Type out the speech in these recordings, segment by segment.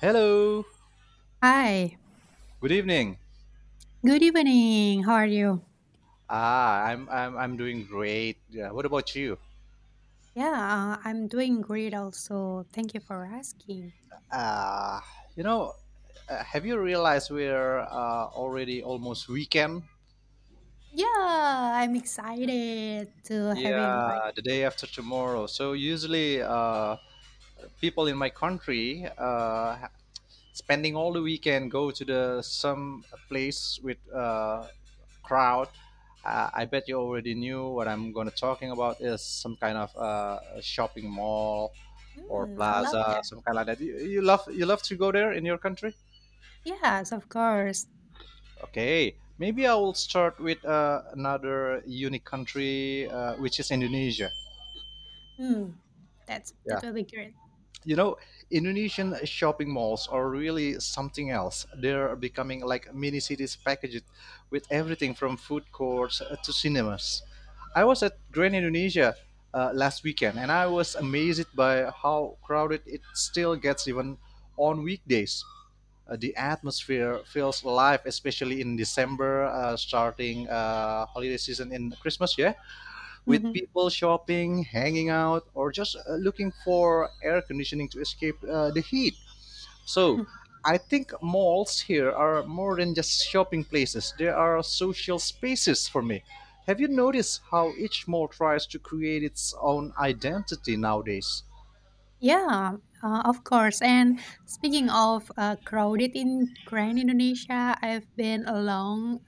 Hello. Hi, Good evening. good evening. How are you? I'm doing great. Yeah, what about you? Yeah, I'm doing great also. Thank you for asking. Ah, you know, have you realized we're already almost weekend? Yeah, I'm excited to having like, Yeah, the day after tomorrow. So usually, people in my country spending all the weekend go to the some place with crowd. I bet you already knew what I'm going to talking about is some kind of shopping mall or mm, I love plaza that. some kind like that. You love you love to go there in your country. Yes, of course. Okay, maybe I will start with another unique country, which is indonesia. Mm, that's Yeah, that will be great. you know, indonesian shopping malls are really something else. They're becoming like mini cities packaged with everything from food courts to cinemas. I was at grand indonesia last weekend and I was amazed by how crowded it still gets even on weekdays. The atmosphere feels alive, especially in december, starting holiday season in christmas. Yeah, with Mm-hmm. people shopping, hanging out, or just looking for air conditioning to escape the heat. So, I think malls here are more than just shopping places, they are social spaces for me. Have you noticed how each mall tries to create its own identity nowadays? Yeah, of course. And speaking of crowded in Grand Indonesia, I've been a long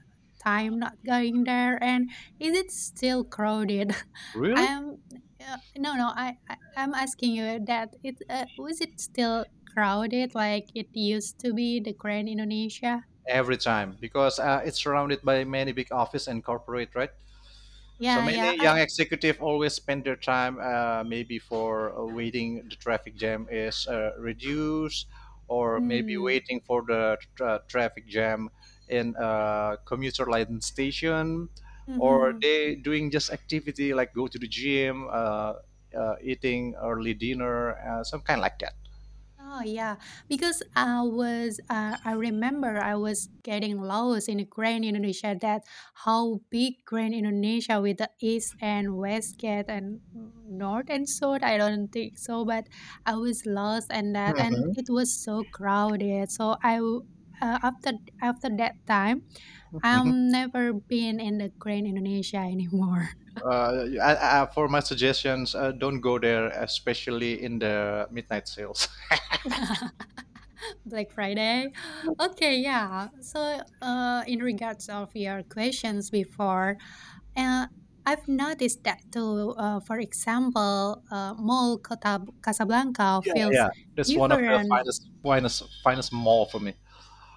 time not going there, and is it still crowded? Really? I'm no, no. I I'm asking you that it was it still crowded like it used to be the Grand Indonesia? Every time, because it's surrounded by many big office and corporate, right? So Yeah, yeah. many I. young executive always spend their time, maybe for waiting the traffic jam is reduced, or maybe Mm, waiting for the traffic jam in a commuter line station, or mm-hmm. they doing just activity like go to the gym, eating early dinner, some kind like that. Oh yeah, because I remember I was getting lost in Grand Indonesia. That how big Grand Indonesia with the east and west gate and north and south, I don't think so, but I was lost and that, and Mhm, it was so crowded, so after that time mhm. I'm never been in the Grand Indonesia anymore. For my suggestions, don't go there, especially in the midnight sales. Black Friday. Okay, yeah. So, in regards of your questions before, uh, I've noticed that too. For example, Mall Kota Casablanca Yeah, feels yeah, that's one of the different. finest, finest, finest mall for me.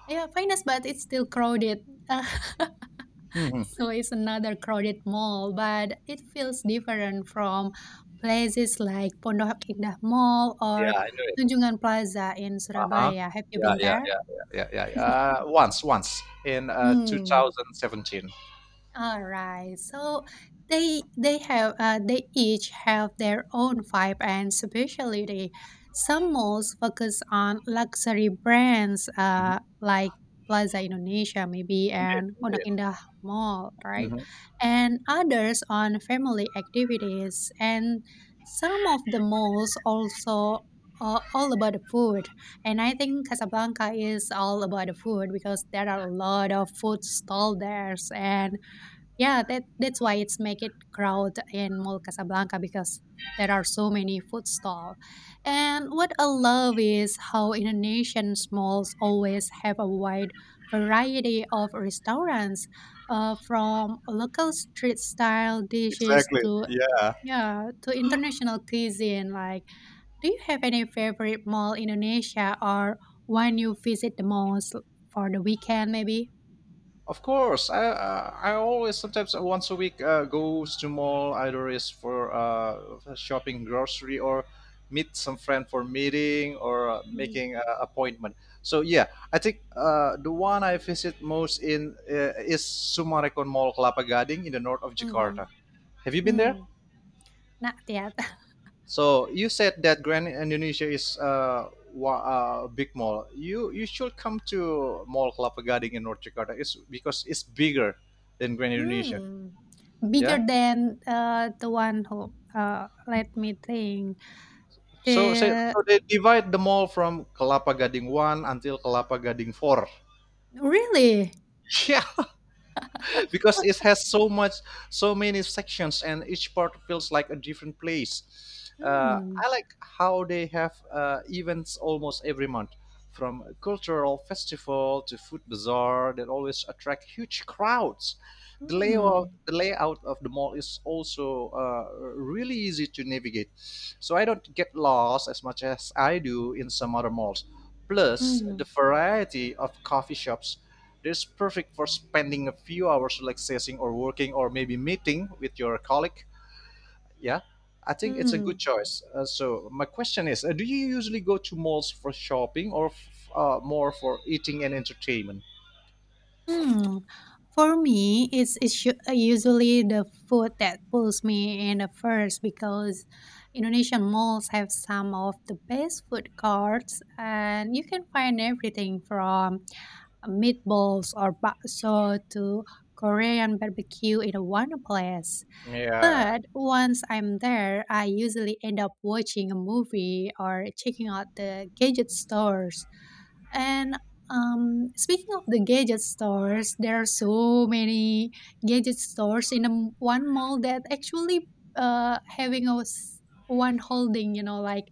Yeah, finest, but it's still crowded. Uh, Hmm. so it's another crowded mall, but it feels different from places like Pondok Indah Mall or Yeah, I know. Tunjungan Plaza in Huh? Surabaya. Have you Yeah, been yeah, there? yeah, yeah, yeah, yeah. Once, once in Hmm. 2017. Alright, so they have they each have their own vibe and specialty. Some malls focus on luxury brands Hmm. like Plaza Indonesia maybe, Indeed, and Pondok indeed. Indah Mall, right? Hmm. And others on family activities. And some of the malls also all about the food. And I think Casablanca is all about the food because there are a lot of food stalls there, and yeah, that's why it's make it crowd in Mall Casablanca because there are so many food stall. And what I love is how Indonesian malls always have a wide variety of restaurants, from local street style dishes Exactly. to Yeah. yeah to international cuisine. Like, do you have any favorite mall in Indonesia or one you visit the most for the weekend maybe? Of course. I always sometimes, once a week, goes to mall either is for shopping grocery, or meet some friend for meeting, or Mhm, making an appointment. So yeah, I think the one I visit most in is Summarecon Mall Kelapa Gading in the north of mhm, Jakarta. Have you been there? mm, not yet. So you said that Grand Indonesia is big mall. You should come to Mall Kelapa Gading in North Jakarta. It's because it's bigger than Grand Indonesia. Mm, bigger Yeah. than, the one who, let me think. So say so The they divide the mall from Kelapa Gading one until Kelapa Gading four. really? Yeah. Because it has so much so many sections and each part feels like a different place. Mm, I like how they have events almost every month, from a cultural festival to food bazaar that always attract huge crowds. the layout mm, the layout of the mall is also really easy to navigate, so I don't get lost as much as I do in some other malls. Plus the mm, variety of coffee shops, it's perfect for spending a few hours relaxing or working, or maybe meeting with your colleague. Yeah, I think it's a good mm. choice. So my question is, do you usually go to malls for shopping, or more for eating and entertainment? Hmm. For me, it's usually the food that pulls me in the first because Indonesian malls have some of the best food carts, and you can find everything from meatballs or bakso to Korean barbecue in one place. Yeah, But once I'm there, I usually end up watching a movie or checking out the gadget stores. And speaking of the gadget stores, there are so many gadget stores in one mall that actually having a one holding, you know, like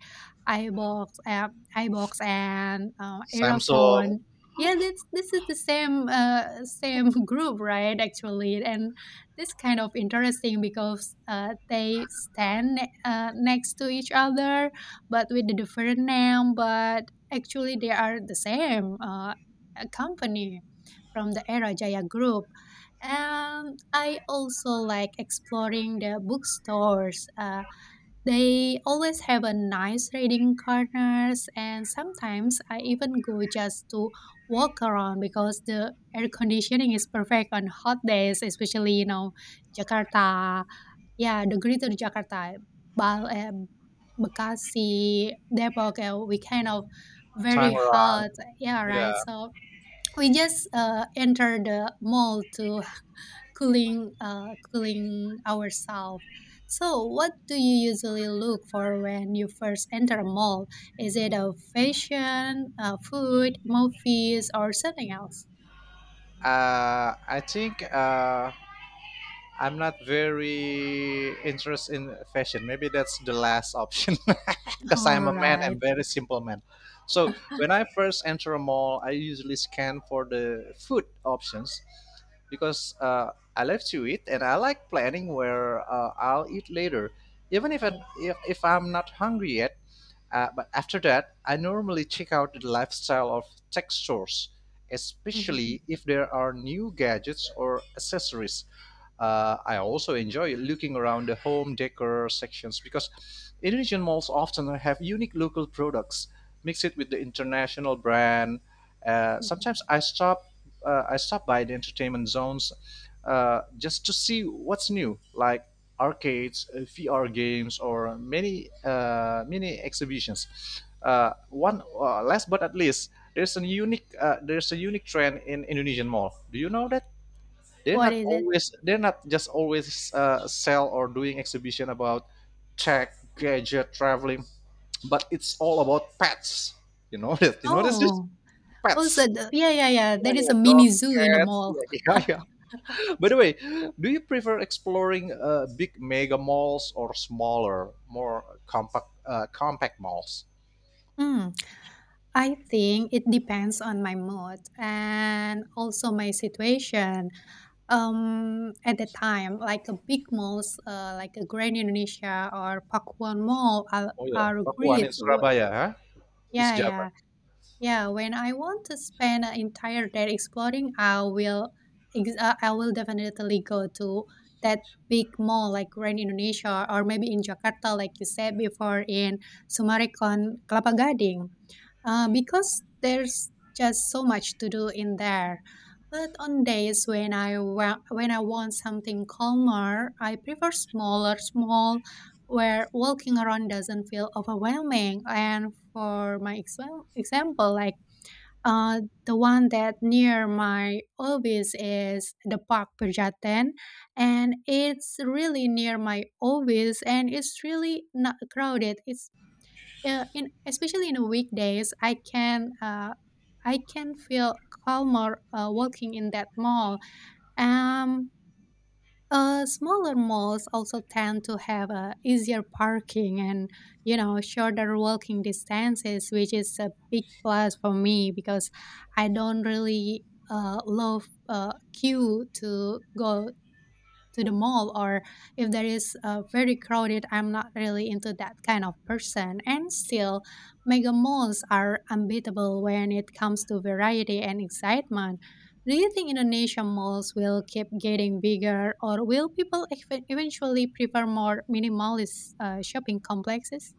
iBox, app, iBox, and Samsung, Aerophone. Yeah, this is the same group, right? Actually, and this kind of interesting because they stand next to each other, but with a different name. But actually, they are the same a company from the Era Jaya Group. And I also like exploring the bookstores. They always have a nice reading corners, and sometimes I even go just to walk around because the air conditioning is perfect on hot days, especially you know Jakarta, yeah, the Greater Jakarta, Bal and Bekasi, Depok, we kind of very Tangerang. hot. Yeah, right. Yeah, So we just enter the mall to cooling ourselves. So, what do you usually look for when you first enter a mall? Is it a fashion, food, movies, or something else? I think. I'm not very interested in fashion. Maybe that's the last option. Because I'm All a man. I'm right. very simple man. So when I first enter a mall, I usually scan for the food options because I love to eat and I like planning where I'll eat later. Even if I'm not hungry yet, but after that, I normally check out the lifestyle of tech stores, Mhm. especially if there are new gadgets or accessories. I also enjoy looking around the home decor sections because Indonesian malls often have unique local products mixed with the international brand. Uh, Mhm. sometimes I stop uh, I stop by the entertainment zones, just to see what's new, like arcades, VR games, or many exhibitions. One last but not least, there's a unique trend in Indonesian mall. Do you know that? They're What not is it? always they're not just always sell or doing exhibition about tech, gadget, traveling, but it's all about pets. You know that? You notice this? Oh. Also Pets. the yeah, yeah, yeah, Yeah, there is yeah, a mini dogs, zoo in the cats. mall. Yeah, yeah, yeah. By the way, do you prefer exploring big mega malls, or smaller, more compact, compact malls? Mm, I think it depends on my mood and also my situation. At the time, like a big malls, like a Grand Indonesia or Pakuan Mall Oh yeah, are Pakuan in great. W- Surabaya, huh? It's yeah, yeah. Java. Yeah, when I want to spend an entire day exploring, I will I will definitely go to that big mall like Grand Indonesia or maybe in Jakarta like you said before in Summarecon Kelapa Gading. Because there's just so much to do in there. But on days when when I want something calmer, I prefer smaller small where walking around doesn't feel overwhelming, and for my example, like uh, the one that near my office is the Park Pejaten, and it's really near my office, and it's really not crowded. It's in especially in the weekdays, I can feel calmer walking in that mall. Um, smaller malls also tend to have easier parking and you know shorter walking distances, which is a big plus for me because I don't really love queue to go to the mall, or if there is very crowded, I'm not really into that kind of person. And still mega malls are unbeatable when it comes to variety and excitement. Do you think Indonesian malls will keep getting bigger, or will people eventually prefer more minimalist shopping complexes?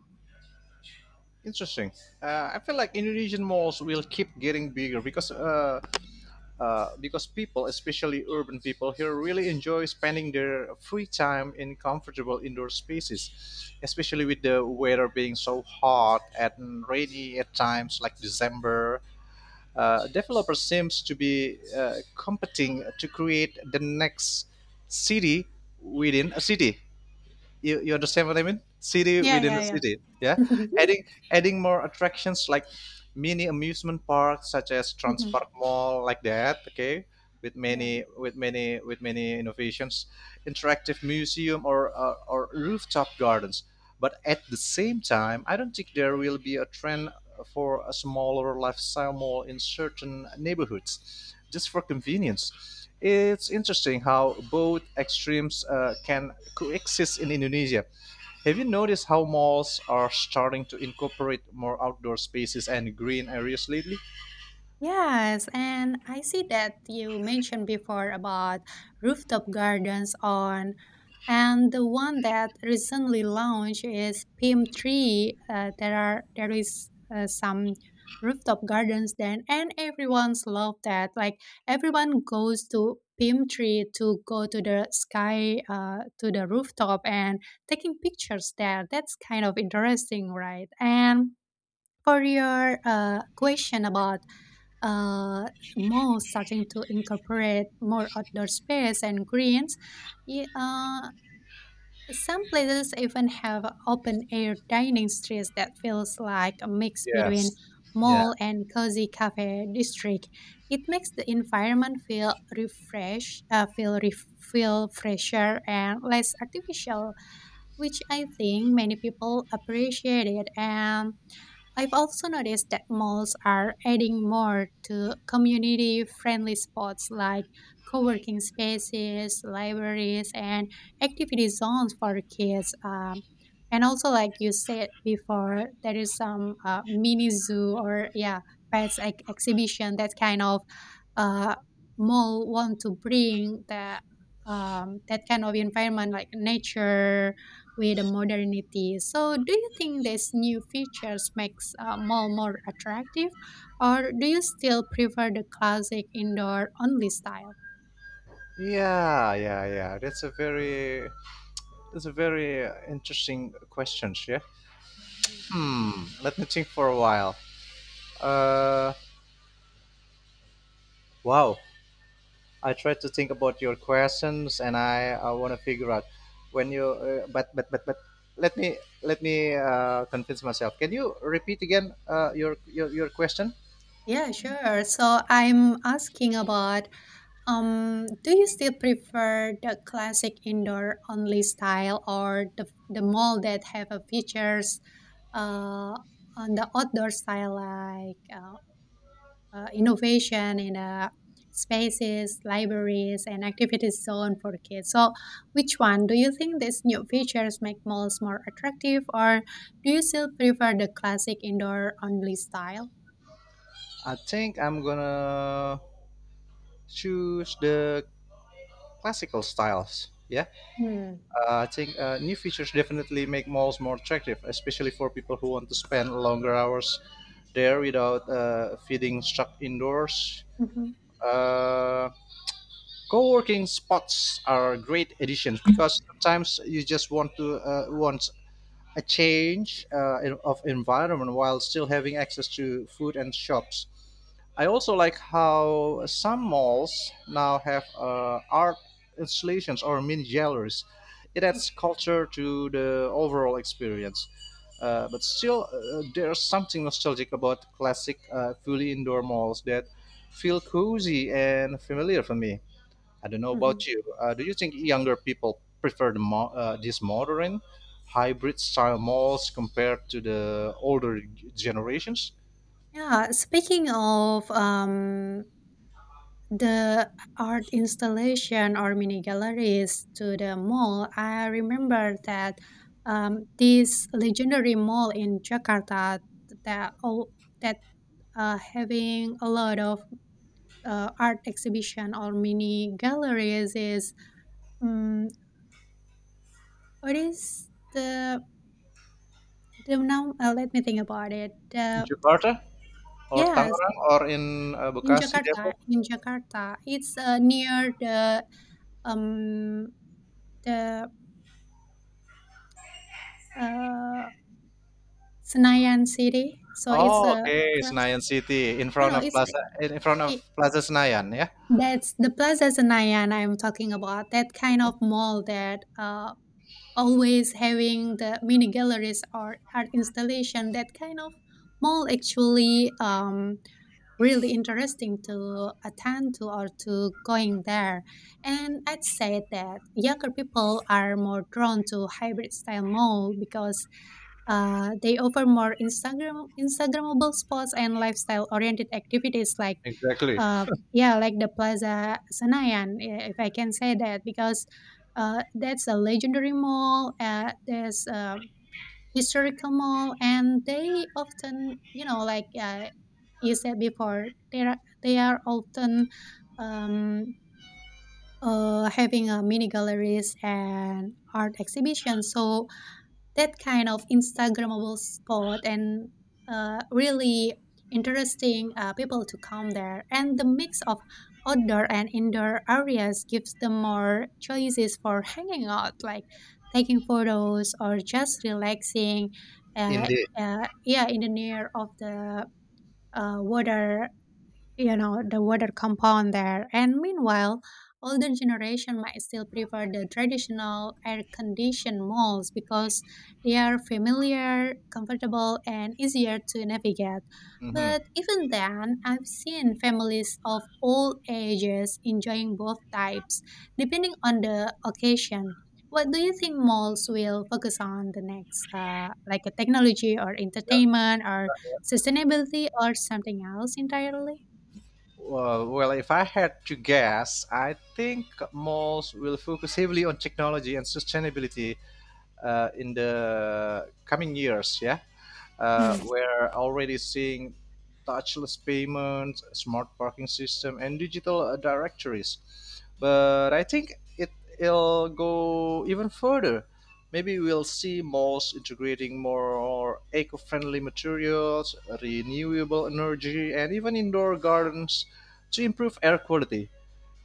Interesting. I feel like Indonesian malls will keep getting bigger, because because people, especially urban people here, really enjoy spending their free time in comfortable indoor spaces, especially with the weather being so hot and rainy at times, like December. Developers seems to be competing to create the next city within a city. You understand what I mean? City Yeah, within yeah, the yeah. city. Yeah. Mhm. Adding adding more attractions like mini amusement parks such as Mhm. Transpark Mall, like that, okay? With Yeah. many with many with many innovations, interactive museum, or rooftop gardens. But at the same time, I don't think there will be a trend for a smaller lifestyle mall in certain neighborhoods, just for convenience. It's interesting how both extremes can coexist in Indonesia. Have you noticed how malls are starting to incorporate more outdoor spaces and green areas lately? Yes, and I see that you mentioned before about rooftop gardens on, and the one that recently launched is Pim Tree. There is some rooftop gardens then, and everyone's love that. Like everyone goes to Pim Tree to go to the sky, to the rooftop, and taking pictures there. That's kind of interesting, right? And for your question about uh, malls starting to incorporate more outdoor space and greens. Yeah, some places even have open air dining streets that feels like a mix between Yes. Yeah. mall and cozy cafe district. It makes the environment feel refresh, feel fresher and less artificial, which I think many people appreciate it. And I've also noticed that malls are adding more to community friendly spots like co working spaces, libraries, and activity zones for the kids. And also, like you said before, there is some mini zoo or, yeah, pets exhibition, that kind of uh, mall want to bring the that kind of environment like nature with the modernity. So, do you think these new features makes a mall more attractive, or do you still prefer the classic indoor only style? Yeah, yeah, yeah. That's a very interesting question, yeah. Hmm. Let me think for a while. Uh, wow. I try to think about your questions, and I want to figure out when you. But let me let me convince myself. Can you repeat again, uh, your question? Yeah, sure. So I'm asking about do you still prefer the classic indoor only style or the mall that have a features uh, on the outdoor style like innovation in spaces, libraries, and activity zone for kids. So, which one do you think these new features make malls more attractive, or do you still prefer the classic indoor only style? I think I'm gonna choose the classical styles. Yeah, Mm-hmm. I think new features definitely make malls more attractive, especially for people who want to spend longer hours there without feeling stuck indoors. Uh, co-working spots are great additions because sometimes you just want a change of environment while still having access to food and shops. I also like how some malls now have art installations or mini galleries. It adds culture to the overall experience. But still, there's something nostalgic about classic, fully indoor malls that feel cozy and familiar for me. I don't know Hmm. about you. Do you think younger people prefer the these modern hybrid style malls compared to the older generations Yeah, speaking of the art installation or mini galleries to the mall, I remember that this legendary mall in Jakarta, that oh, that having a lot of art exhibition or mini galleries is um, what is the the now let me think about it. in Jakarta, or Yes, Tangerang, or in Bekasi, Depok? in Jakarta, it's near the um the uh Senayan City, so it's Oh, a okay, cross Senayan City in no, front no, of it's Plaza, in front of it. Plaza Senayan, yeah. That's the Plaza Senayan I'm talking about, that kind of mall that, always having the mini galleries or art installation. That kind of mall actually really interesting to attend to or to going there. And I'd say that younger people are more drawn to hybrid style mall because they offer more instagrammable spots and lifestyle oriented activities like Exactly. uh, yeah, like the Plaza Senayan, if I can say that, because that's a legendary mall. There's a historical mall, and they often, you know, like you said before, they are they are often um, having mini galleries and art exhibitions. So that kind of Instagrammable spot, and really interesting people to come there. And the mix of outdoor and indoor areas gives them more choices for hanging out, like taking photos or just relaxing. Uh, Indeed. Yeah, in the near of the water, you know, the water compound there. And meanwhile older generation might still prefer the traditional air conditioned malls because they are familiar, comfortable and easier to navigate, Hmm. but even then I've seen families of all ages enjoying both types depending on the occasion. What do you think malls will focus on the next, like a technology or entertainment or sustainability or something else entirely? Well, well, if I had to guess, I think malls will focus heavily on technology and sustainability in the coming years, yeah. Uh, Mm. we're already seeing touchless payments, smart parking system, and digital directories. But it'll go even further. Maybe we'll see malls integrating more eco-friendly materials, renewable energy, and even indoor gardens to improve air quality.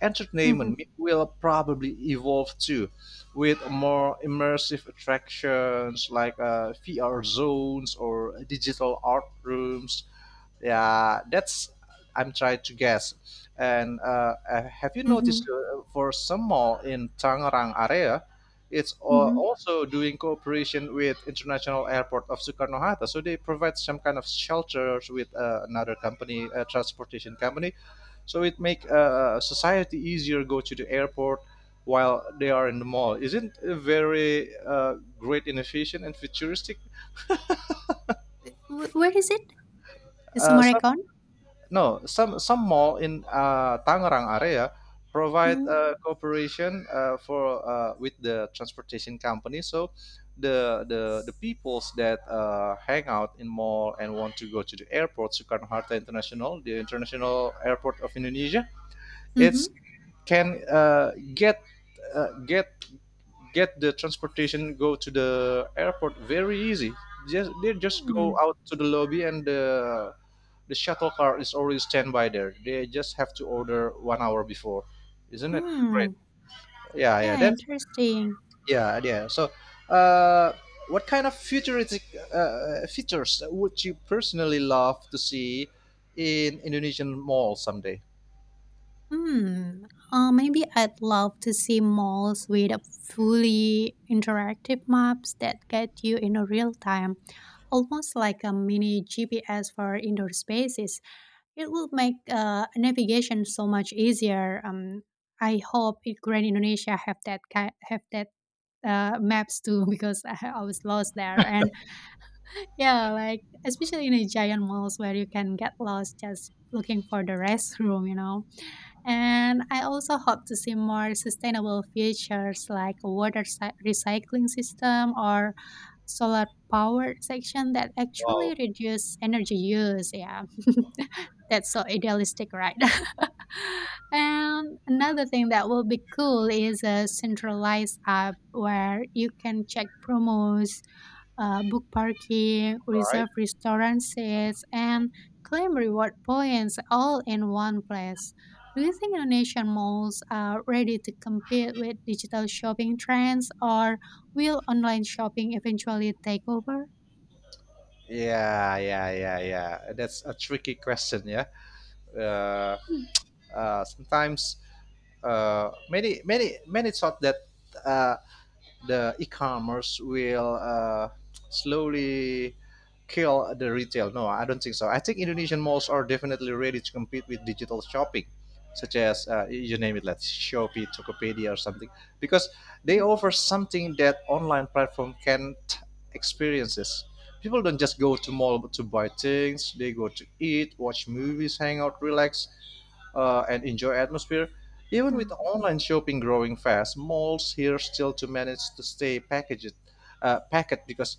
Entertainment Mhm. will probably evolve too, with Yeah. more immersive attractions like VR zones or digital art rooms. Yeah, that's I'm trying to guess. And have you noticed, Mhm. For some mall in Tangerang area, it's Mhm. also doing cooperation with International Airport of Sukarno Hatta. So they provide some kind of shelters with another company, transportation company, so it make society easier go to the airport while they are in the mall. Isn't it very great innovation and futuristic? W where is it? The Some Sumarekon? Con? no some some mall in Tangerang area provide Mm. Cooperation for with the transportation company. So the the peoples that hang out in mall and want to go to the airport Soekarno Hatta International, the international airport of Indonesia, it's Mhm. can uh, get get the transportation go to the airport very easy. Just they just Mm. go Mm. out to the lobby and the shuttle car is already standby there. They just have to order 1 hour before. Isn't it great? Mm. Yeah, yeah, Yeah, that's, interesting. yeah, yeah. So uh, what kind of futuristic features would you personally love to see in Indonesian mall someday? Hmm. Maybe I'd love to see malls with a fully interactive maps that get you in a real time, almost like a mini GPS for indoor spaces. It will make navigation so much easier. I hope it, Grand Indonesia have that have that maps too because I was lost there. And yeah, like especially in a giant malls where you can get lost just looking for the restroom. And I also hope to see more sustainable features like a recycling system or solar power section that actually Wow, reduce energy use. Yeah, that's so idealistic, right? And another thing that will be cool is a centralized app where you can check promos, book parking, right? reserve restaurant sets, and claim reward points all in one place. Do you think Indonesian malls are ready to compete with digital shopping trends, or will online shopping eventually take over? Yeah, yeah, yeah, yeah. That's a tricky question. Yeah, uh, 嗯。Sometimes many thought that uh, the e-commerce will slowly kill the retail. No, I don't think so. I think Indonesian malls are definitely ready to compete with digital shopping, such as, you name it, like Shopee, Tokopedia, or something, because they 嗯，offer something that online platform can't. Experiences. People don't just go to mall to buy things. They go to eat, watch movies, hang out, relax, and enjoy atmosphere. Even with 嗯 online shopping growing fast, malls here still to manage to stay packaged, packet because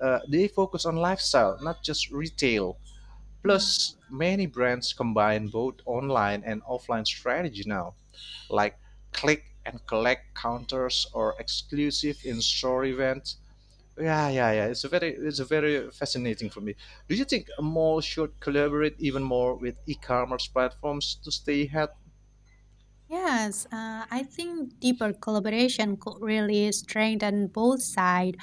they focus on lifestyle, not just retail. 嗯。Plus, many brands combine both online and offline strategy now, like click and collect counters or exclusive in-store events. Yeah, yeah, yeah. It's a very fascinating for me. Do you think a mall should collaborate even more with e-commerce platforms to stay ahead? Yes, I think deeper collaboration could really strengthen both sides.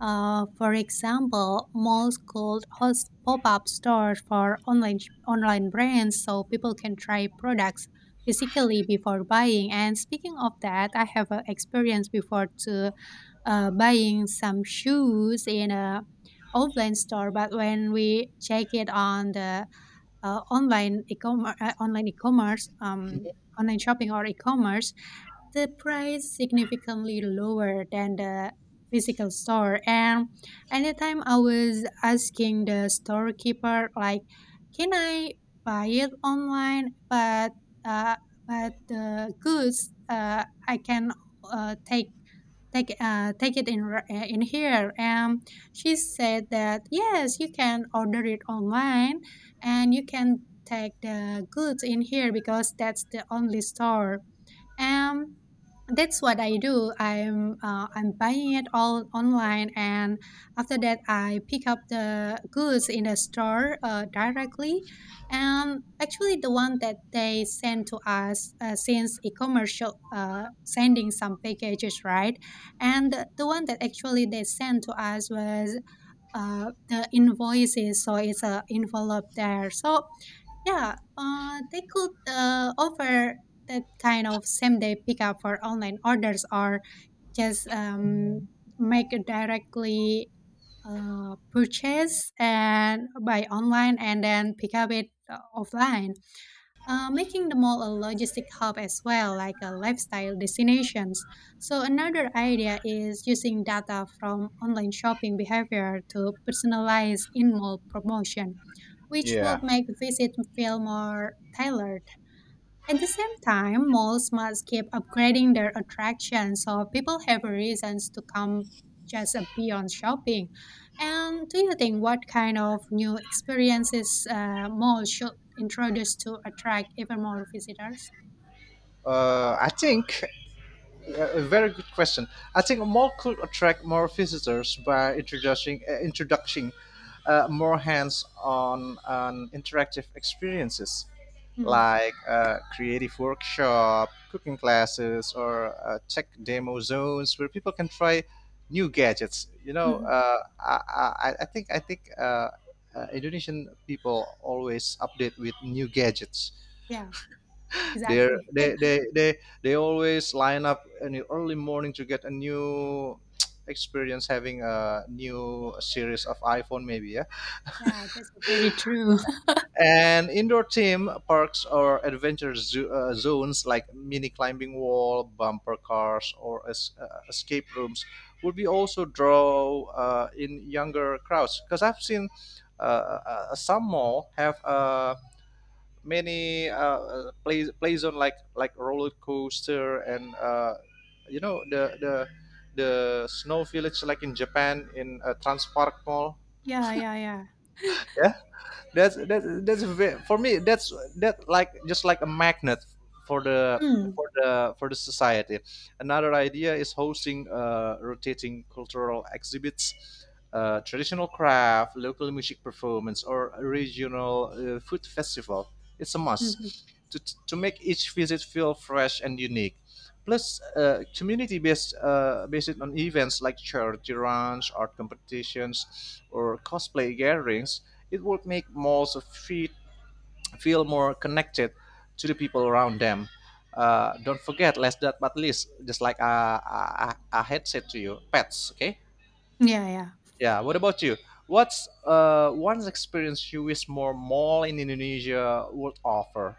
For example, malls could host pop-up stores for online brands, so people can try products physically before buying. And speaking of that, I have an experience before to buying some shoes in a offline store, but when we check it on the uh, online e-commerce, uh, online e-commerce, um, online shopping or e-commerce, the price significantly lower than the physical store and anytime I was asking the storekeeper like can I buy it online but uh, but the goods I can uh, take take it in here and she said that yes you can order it online and you can take the goods in here because that's the only store um, that's what I do. I'm buying it all online, and after that, I pick up the goods in the store directly. And actually, the one that they send to us since e-commerce shop, sending some packages, right? And the one that actually they sent to us was the invoices, so it's a envelope there. So yeah, they could offer that kind of same day pickup for online orders or just make a directly purchase and buy online and then pick up it offline, making the mall a logistic hub as well, like a lifestyle destinations. So another idea is using data from online shopping behavior to personalize in-mall promotion, which would Yeah, make visit feel more tailored. At the same time, malls must keep upgrading their attractions so people have reasons to come just beyond shopping. And do you think what kind of new experiences malls should introduce to attract even more visitors? I think a very good question. I think a mall could attract more visitors by introducing more hands-on and interactive experiences Mm, like creative workshop, cooking classes, or tech demo zones where people can try new gadgets. You know, mhm. I think Indonesian people always update with new gadgets. Yeah, they exactly. they they they they always line up in the early morning to get a new experience having a new series of iphone maybe, yeah. Yeah, that's very true. And indoor theme parks or adventure zones like mini climbing wall, bumper cars, or escape rooms would be also draw in younger crowds because I've seen uh, uh, some mall have a. Many plays on like roller coaster and you know the snow village like in Japan in Trans Park Mall. Yeah, yeah, yeah. That's that's that's ve- for me that's that like just like a magnet for the Mm, for the society. Another idea is hosting rotating cultural exhibits, traditional craft, local music performance, or a regional food festival. It's a mhm. must to, to make each visit feel fresh and unique. Plus, community based on events like charity runs, art competitions, or cosplay gatherings, it would make malls of feet feel more connected to the people around them. Don't forget, last that but least, just like I had said to you, pets. Okay. Yeah, yeah. Yeah. What about you? What's one's experience you wish more mall in Indonesia would offer?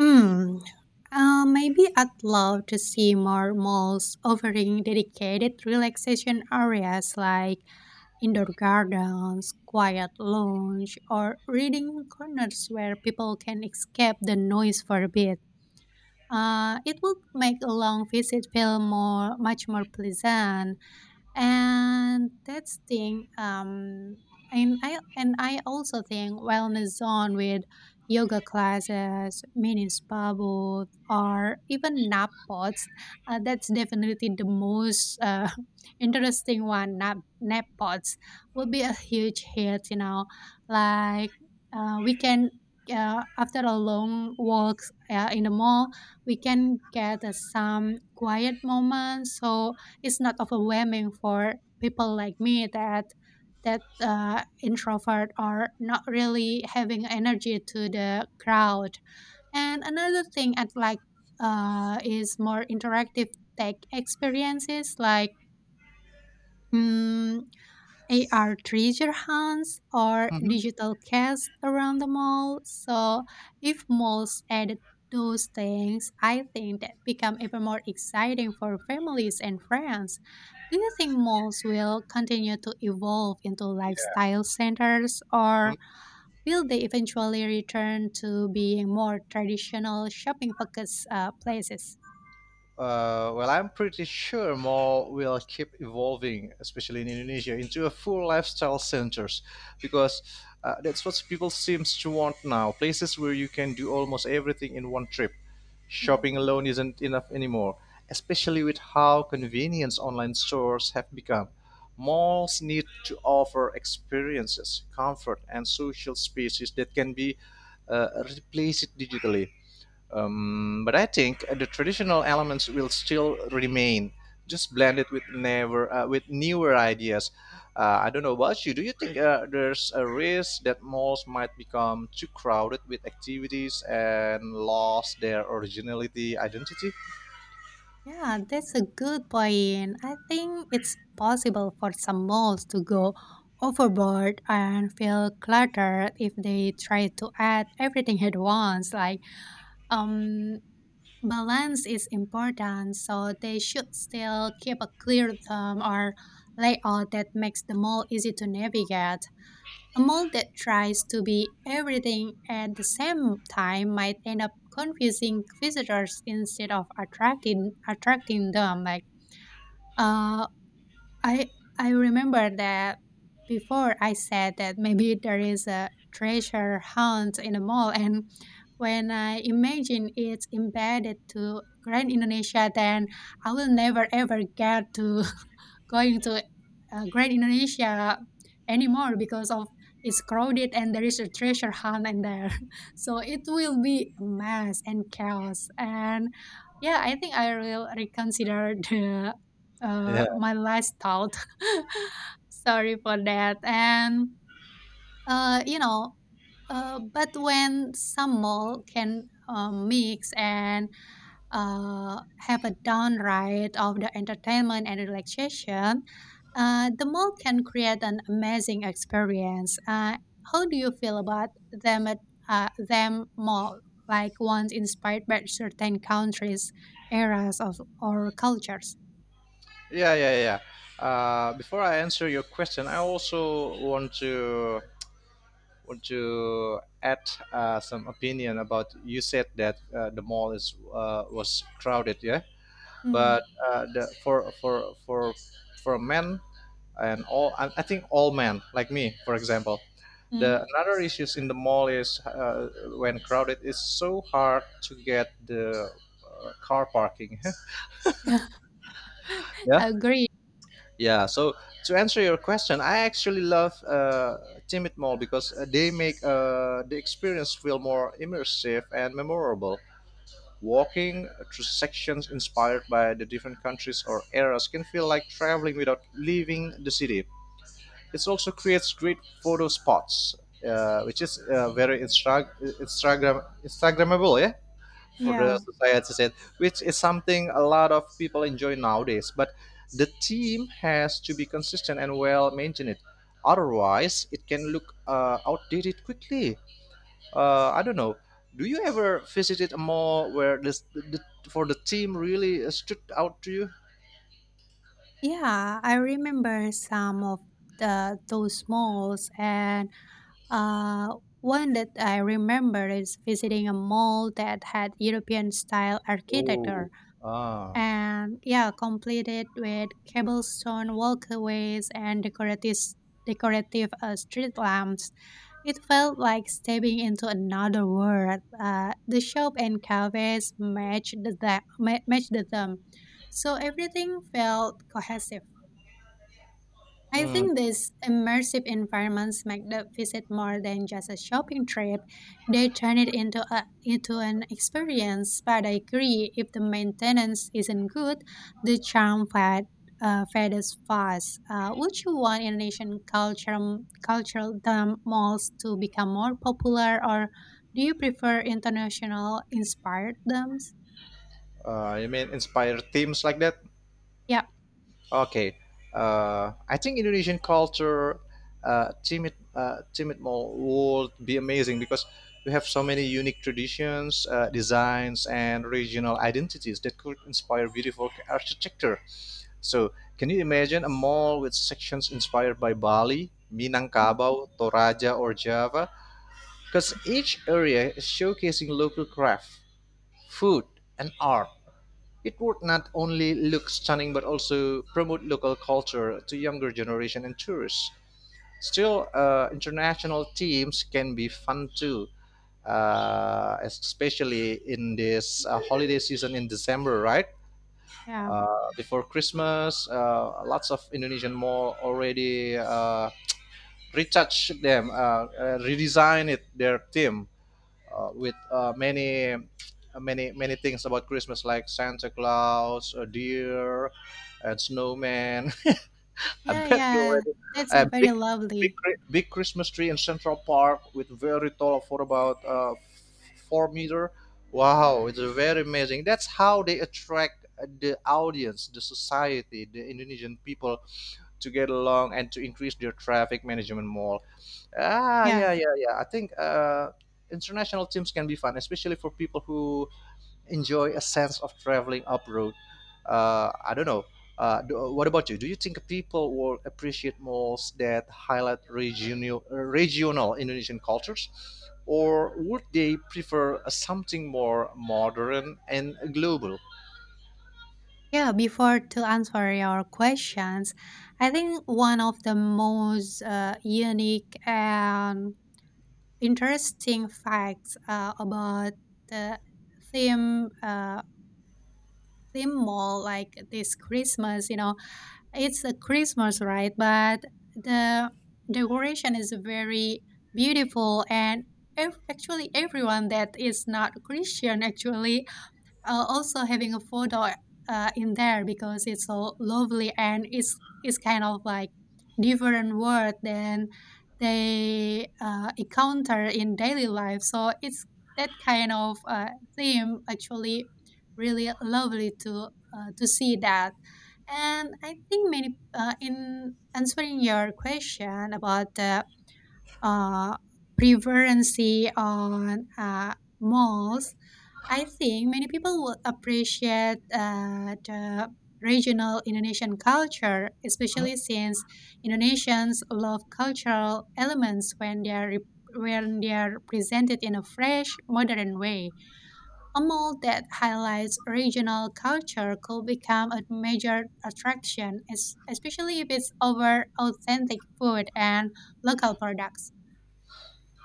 Mm. Maybe I'd love to see more malls offering dedicated relaxation areas like indoor gardens, quiet lounge, or reading corners where people can escape the noise for a bit. It would make a long visit feel much more pleasant and that's thing and I also think wellness zone with yoga classes, mini spa booth, or even nap pods. Uh, that's definitely the most interesting one. Nap pods will be a huge hit, you know, like we can, after a long walk in the mall, we can get some quiet moments, so it's not overwhelming for people like me that introvert are not really having energy to the crowd. And another thing I'd like is more interactive tech experiences like mm, AR treasure hunts or Hmm. digital quests around the mall. So if malls added those things, I think that become even more exciting for families and friends. Do you think malls will continue to evolve into Yes. lifestyle centers or Mhm. will they eventually return to being more traditional shopping focused places? Well, I'm pretty sure mall will keep evolving, especially in Indonesia, into a full lifestyle centers, because that's what people seems to want now. Places where you can do almost everything in one trip. Shopping alone isn't enough anymore, especially with how convenience online stores have become. Malls need to offer experiences, comfort, and social spaces that can be replaced digitally. But I think the traditional elements will still remain, just blended with never with newer ideas. I don't know about you. Do you think there's a risk that malls might become too crowded with activities and lost their originality, identity? Yeah, that's a good point. I think it's possible for some malls to go overboard and feel cluttered if they try to add everything at once. Like, um, balance is important, so they should still keep a clear thumb or layout that makes the mall easy to navigate. A mall that tries to be everything at the same time might end up confusing visitors instead of attracting them. Like uh, I I remember that before I said that maybe there is a treasure hunt in the mall, and when I imagine it's embedded to Grand Indonesia, then I will never ever get to going to Great Indonesia anymore because of it's crowded and there is a treasure hunt in there. So it will be a mess and chaos. And yeah, I think I will reconsider the Yeah. my last thought. Sorry for that. And you know, but when some mall can mix and uh, have a downright of the entertainment and relaxation, the mall can create an amazing experience. How do you feel about them at them mall, like ones inspired by certain countries, eras of or cultures? Yeah, yeah, yeah. Before I answer your question, I also want to add some opinion about you said that the mall is was crowded, yeah. Mm, But for men and all I think all men like me, for example, the mm. another issues in the mall is when crowded it's so hard to get the car parking yeah. Agree. Yeah, so to answer your question, I actually love timid mall because they make the experience feel more immersive and memorable. Walking through sections inspired by the different countries or eras can feel like traveling without leaving the city. It also creates great photo spots, which is very Instagrammable, yeah, for the Yeah, society said, which is something a lot of people enjoy nowadays. But the team has to be consistent and well maintained. Otherwise, it can look outdated quickly. I don't know. Do you ever visited a mall where for the team really stood out to you? yeah. I remember some of the those malls. And Uh, One that I remember is visiting a mall that had European style Oh, architecture ah, and yeah, completed with cobblestone walkways and decorative street lamps. It felt like stepping into another world. The shop and cafes matched the them, so everything felt cohesive. I mm, think these immersive environments make the visit more than just a shopping trip. They turn it into a into an experience. But I agree, if the maintenance isn't good, the charm fades fast. Would you want Indonesian cultural dump malls to become more popular, or do you prefer international inspired dumps? You mean inspire teams like that? Yeah, Okay, I think Indonesian culture, timid mall would be amazing because we have so many unique traditions, designs, and regional identities that could inspire beautiful architecture. So, can you imagine a mall with sections inspired by Bali, mm, Minangkabau, Toraja, or Java? Because each area is showcasing local craft, food, and art. It would not only look stunning but also promote local culture to younger generation and tourists. Still, international teams can be fun too, especially in this holiday season in December, right? yeah, Before Christmas, lots of Indonesian mall already retouch them, redesign it their team with many many things about Christmas like Santa Claus, a deer, and snowman. I yeah, bet you yeah. already That's a a very lovely. Big Christmas tree in Central Park with very tall for about 4 meters. Wow, it's very amazing. That's how they attract the audience, the society, the Indonesian people to get along and to increase their traffic management more. Ah, Yeah. yeah, yeah, yeah. I think international teams can be fun, especially for people who enjoy a sense of traveling abroad. I don't know. What about you? Do you think people will appreciate most that highlight regional Indonesian cultures, or would they prefer something more modern and global? Yeah, before to answer your questions, I think one of the most unique and interesting facts about the theme uh, theme mall like this Christmas, you know, it's a Christmas, right? But the decoration is very beautiful and actually everyone that is not Christian actually also having a photo in there because it's so lovely and it's kind of like different world than they encounter in daily life. So it's that kind of theme actually really lovely to see that. And I think many in answering your question about the uh, preferency on malls, I think many people would appreciate the regional Indonesian culture, Mhm. especially since Indonesians love cultural elements when they are presented in a fresh, modern way. A mall that highlights regional culture could become a major attraction, especially if it's over authentic food and local products.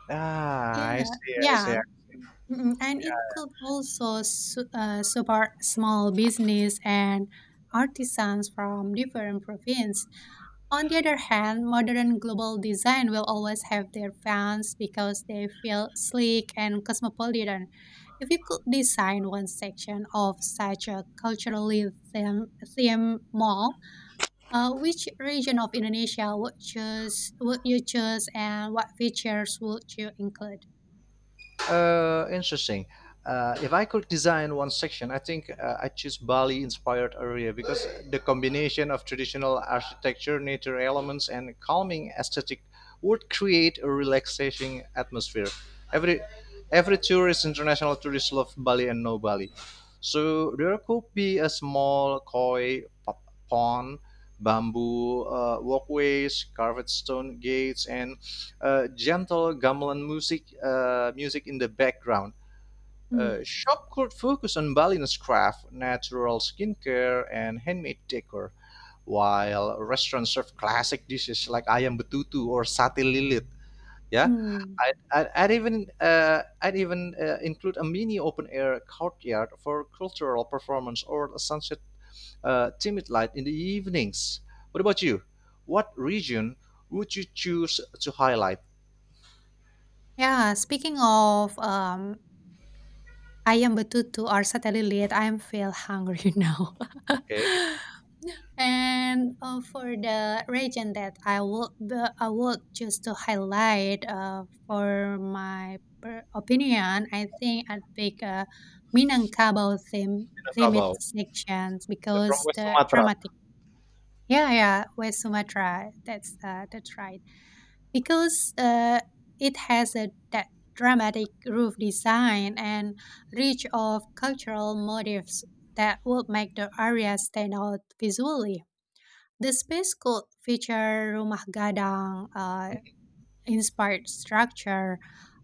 Ah, I Yeah, see. I yeah, see. mm, and it could also support small business and artisans from different provinces. On the other hand, modern global design will always have their fans because they feel sleek and cosmopolitan. If you could design one section of such a theme, theme mall, which region of Indonesia would you choose, and what features would you include? Interesting. If I could design one section, I think I choose Bali-inspired area because the combination of traditional architecture, nature elements, and calming aesthetic would create a relaxing atmosphere. Every every tourist, international tourist, love Bali and know Bali. So there could be a small pond, bamboo walkways, carved stone gates, and gentle gamelan music, music in the background. Mm, Shop could focus on Balinese craft, natural skincare, and handmade decor, while restaurants serve classic dishes like ayam betutu or sate lilit. Yeah, mm. I'd even include a mini open air courtyard for cultural performance or a sunset timid light in the evenings. What about you? What region would you choose to highlight? Yeah, speaking of, ayam betutu or satay lilit, I am feel hungry now. Okay. And, for the region that I would just to highlight, for my per opinion, I think I'd pick a Minangkabau themed Davao, sections from because West the Sumatra. dramatic Yeah, yeah, West Sumatra. That's right because it has a that dramatic roof design and rich of cultural motifs that would make the area stand out visually. The space could feature rumah gadang, inspired structure,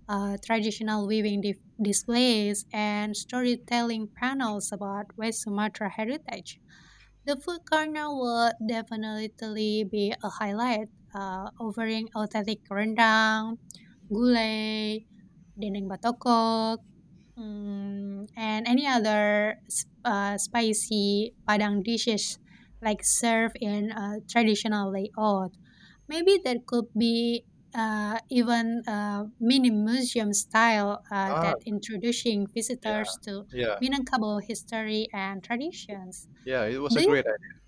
traditional weaving displays, and storytelling panels about West Sumatra heritage. The food corner would definitely be a highlight, offering authentic rendang, gulai, dendeng batokok, mm, and any other spicy Padang dishes like served in a traditional layout. Maybe there could be even a mini museum style Ah, that introducing yeah, visitors to yeah, Minangkabau history and traditions. yeah. It was a Do you great idea.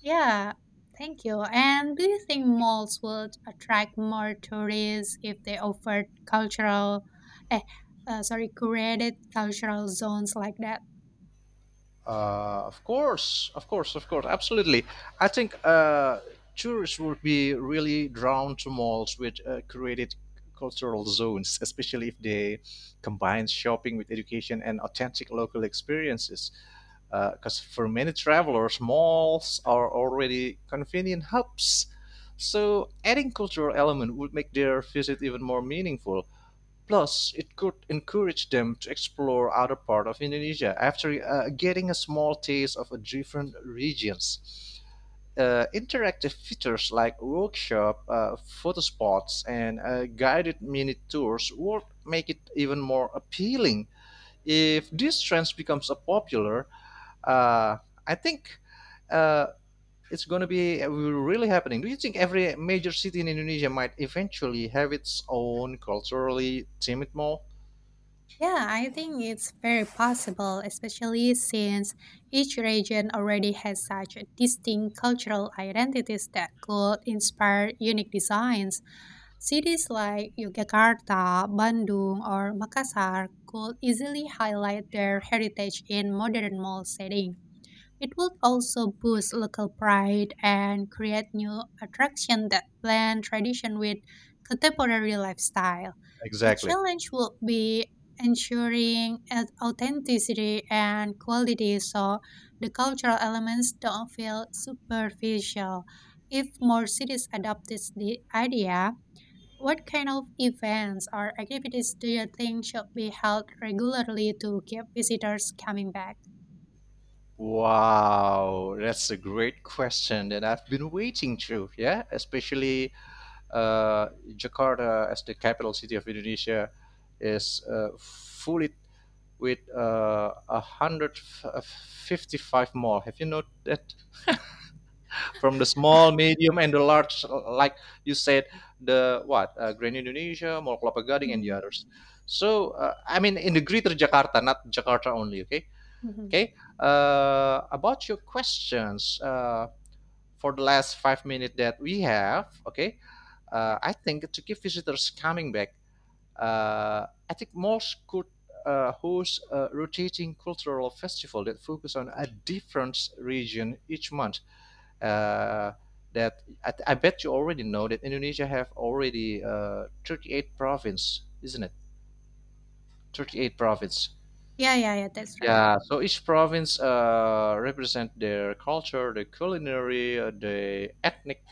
yeah, thank you. And do you think malls would attract more tourists if they offered cultural, eh, sorry, curated cultural zones like that? Of course, absolutely. I think tourists would be really drawn to malls which created cultural zones, especially if they combine shopping with education and authentic local experiences. Because for many travelers, malls are already convenient hubs. So adding cultural element would make their visit even more meaningful. Plus, it could encourage them to explore other parts of Indonesia after getting a small taste of a different regions. Interactive features like workshop, photo spots, and guided mini tours would make it even more appealing. If this trend becomes a popular, uh, I think uh, it's going to be really happening. Do you think every major city in Indonesia might eventually have its own culturally themed mall? Yeah, I think it's very possible, especially since each region already has such a distinct cultural identities that could inspire unique designs. Cities like Yogyakarta, Bandung, or Makassar could easily highlight their heritage in modern mall setting. It would also boost local pride and create new attraction that blend tradition with contemporary lifestyle. The Exactly. challenge will be ensuring authenticity and quality so the cultural elements don't feel superficial. If more cities adopt this the idea, what kind of events or activities do you think should be held regularly to keep visitors coming back? Wow, that's a great question that I've been waiting to. Yeah, especially uh, Jakarta, as the capital city of Indonesia, is fully with 155 mall. Have you noted that? From the small, medium, and the large, like you said, the what? Grand Indonesia, Mall Kelapa Gading, and the Mm-hmm. others. So, I mean, in the greater Jakarta, not Jakarta only, okay? Okay. About your questions for the last 5 minutes that we have. Okay. Yeah. I think to keep visitors coming back, I think malls could host a rotating cultural festival that focus on a different region each month. Uh, that I bet you already know that Indonesia have already 38 province, isn't it? 38 province. Yeah, yeah, yeah, that's right. Yeah, so each province represent their culture, the culinary, the ethnic,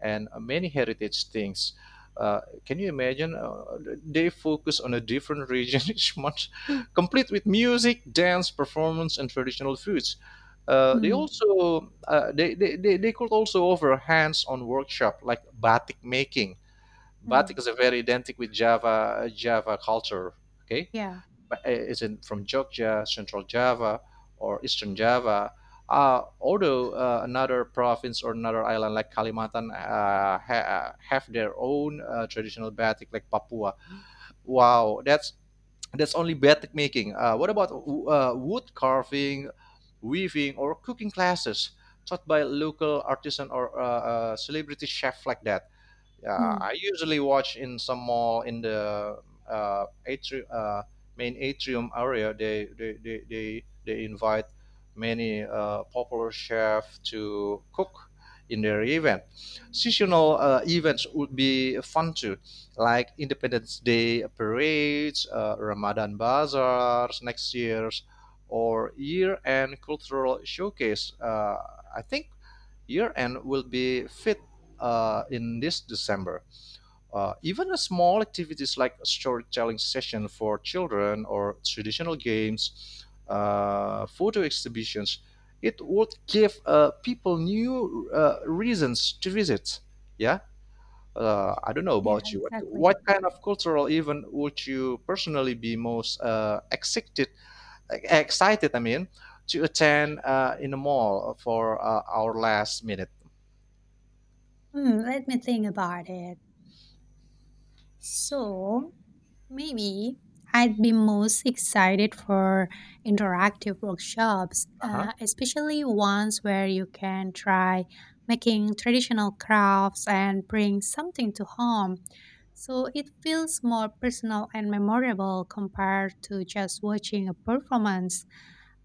and many heritage things. Can you imagine? They focus on a different region each month, complete with music, dance, performance, and traditional foods. They Mm, also they could also offer hands-on workshop like batik making. Batik mm, is a very identical with Java culture. Okay, yeah, is in from Jogja, Central Java, or Eastern Java. Although another province or another island like Kalimantan have their own traditional batik like Papua. Wow, that's only batik making. What about wood carving, weaving, or cooking classes taught by local artisan or celebrity chef like that? Yeah, mm, I usually watch in some mall in the uh, atri- uh, main atrium area. They invite many popular chefs to cook in their event. Seasonal events would be fun too, like Independence Day parades, Ramadan bazaars next year's, or year-end cultural showcase. I think year end will be fit in this December. Even a small activities like a storytelling session for children or traditional games, photo exhibitions, it would give people new reasons to visit. Yeah, I don't know yeah, about you. What, exactly. what kind of cultural event would you personally be most excited? Excited, I mean, to attend in a mall for our last minute. Mm, let me think about it. So maybe I'd be most excited for interactive workshops, Uh-huh. Especially ones where you can try making traditional crafts and bring something to home. So it feels more personal and memorable compared to just watching a performance.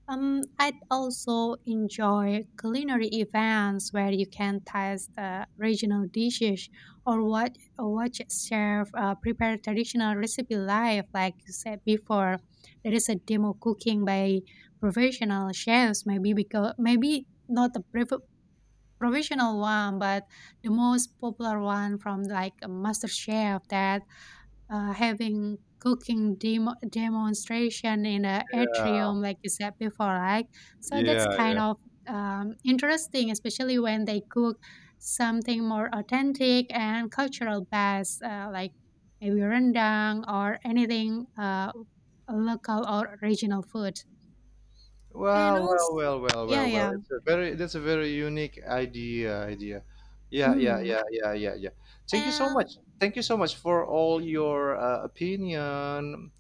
I'd also enjoy culinary events where you can taste regional dishes or watch chef prepare traditional recipe live. Like you said before, there is a demo cooking by professional chefs. Maybe because maybe not the professional one, but the most popular one from like a master chef that having cooking demonstration in a atrium like you said before, right? So that's Yeah, kind yeah. of interesting, especially when they cook something more authentic and cultural based, like maybe rendang or anything local or regional food. And Well, also well, well, well, yeah, well, well. yeah, It's a very that's a very unique idea. Yeah, yeah, mm, yeah, yeah, yeah, yeah. Thank you so and much. Thank you so much for all your opinion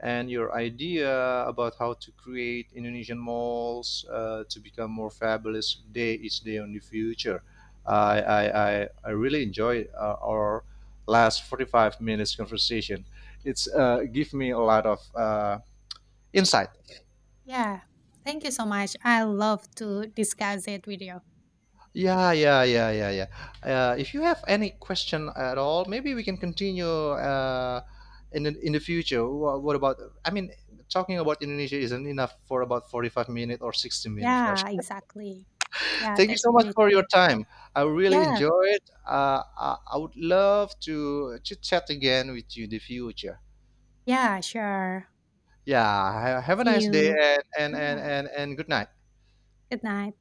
and your idea about how to create Indonesian malls to become more fabulous day each day in the future. I I I really enjoyed our last 45 minutes conversation. It's give me a lot of insight. yeah, thank you so much. I love to discuss it with you. Yeah, yeah, yeah, yeah, yeah. If you have any question at all, maybe we can continue in the future. What about? I mean, talking about Indonesia isn't enough for about 45 minutes or 60 minutes, right? Yeah, exactly. Yeah, Thank you that's so much pretty for your true. time. I really Yeah, enjoyed. I would love to chit chat again with you in the future. yeah, sure. Yeah, have a See nice day you. and Yeah, and good night. good night.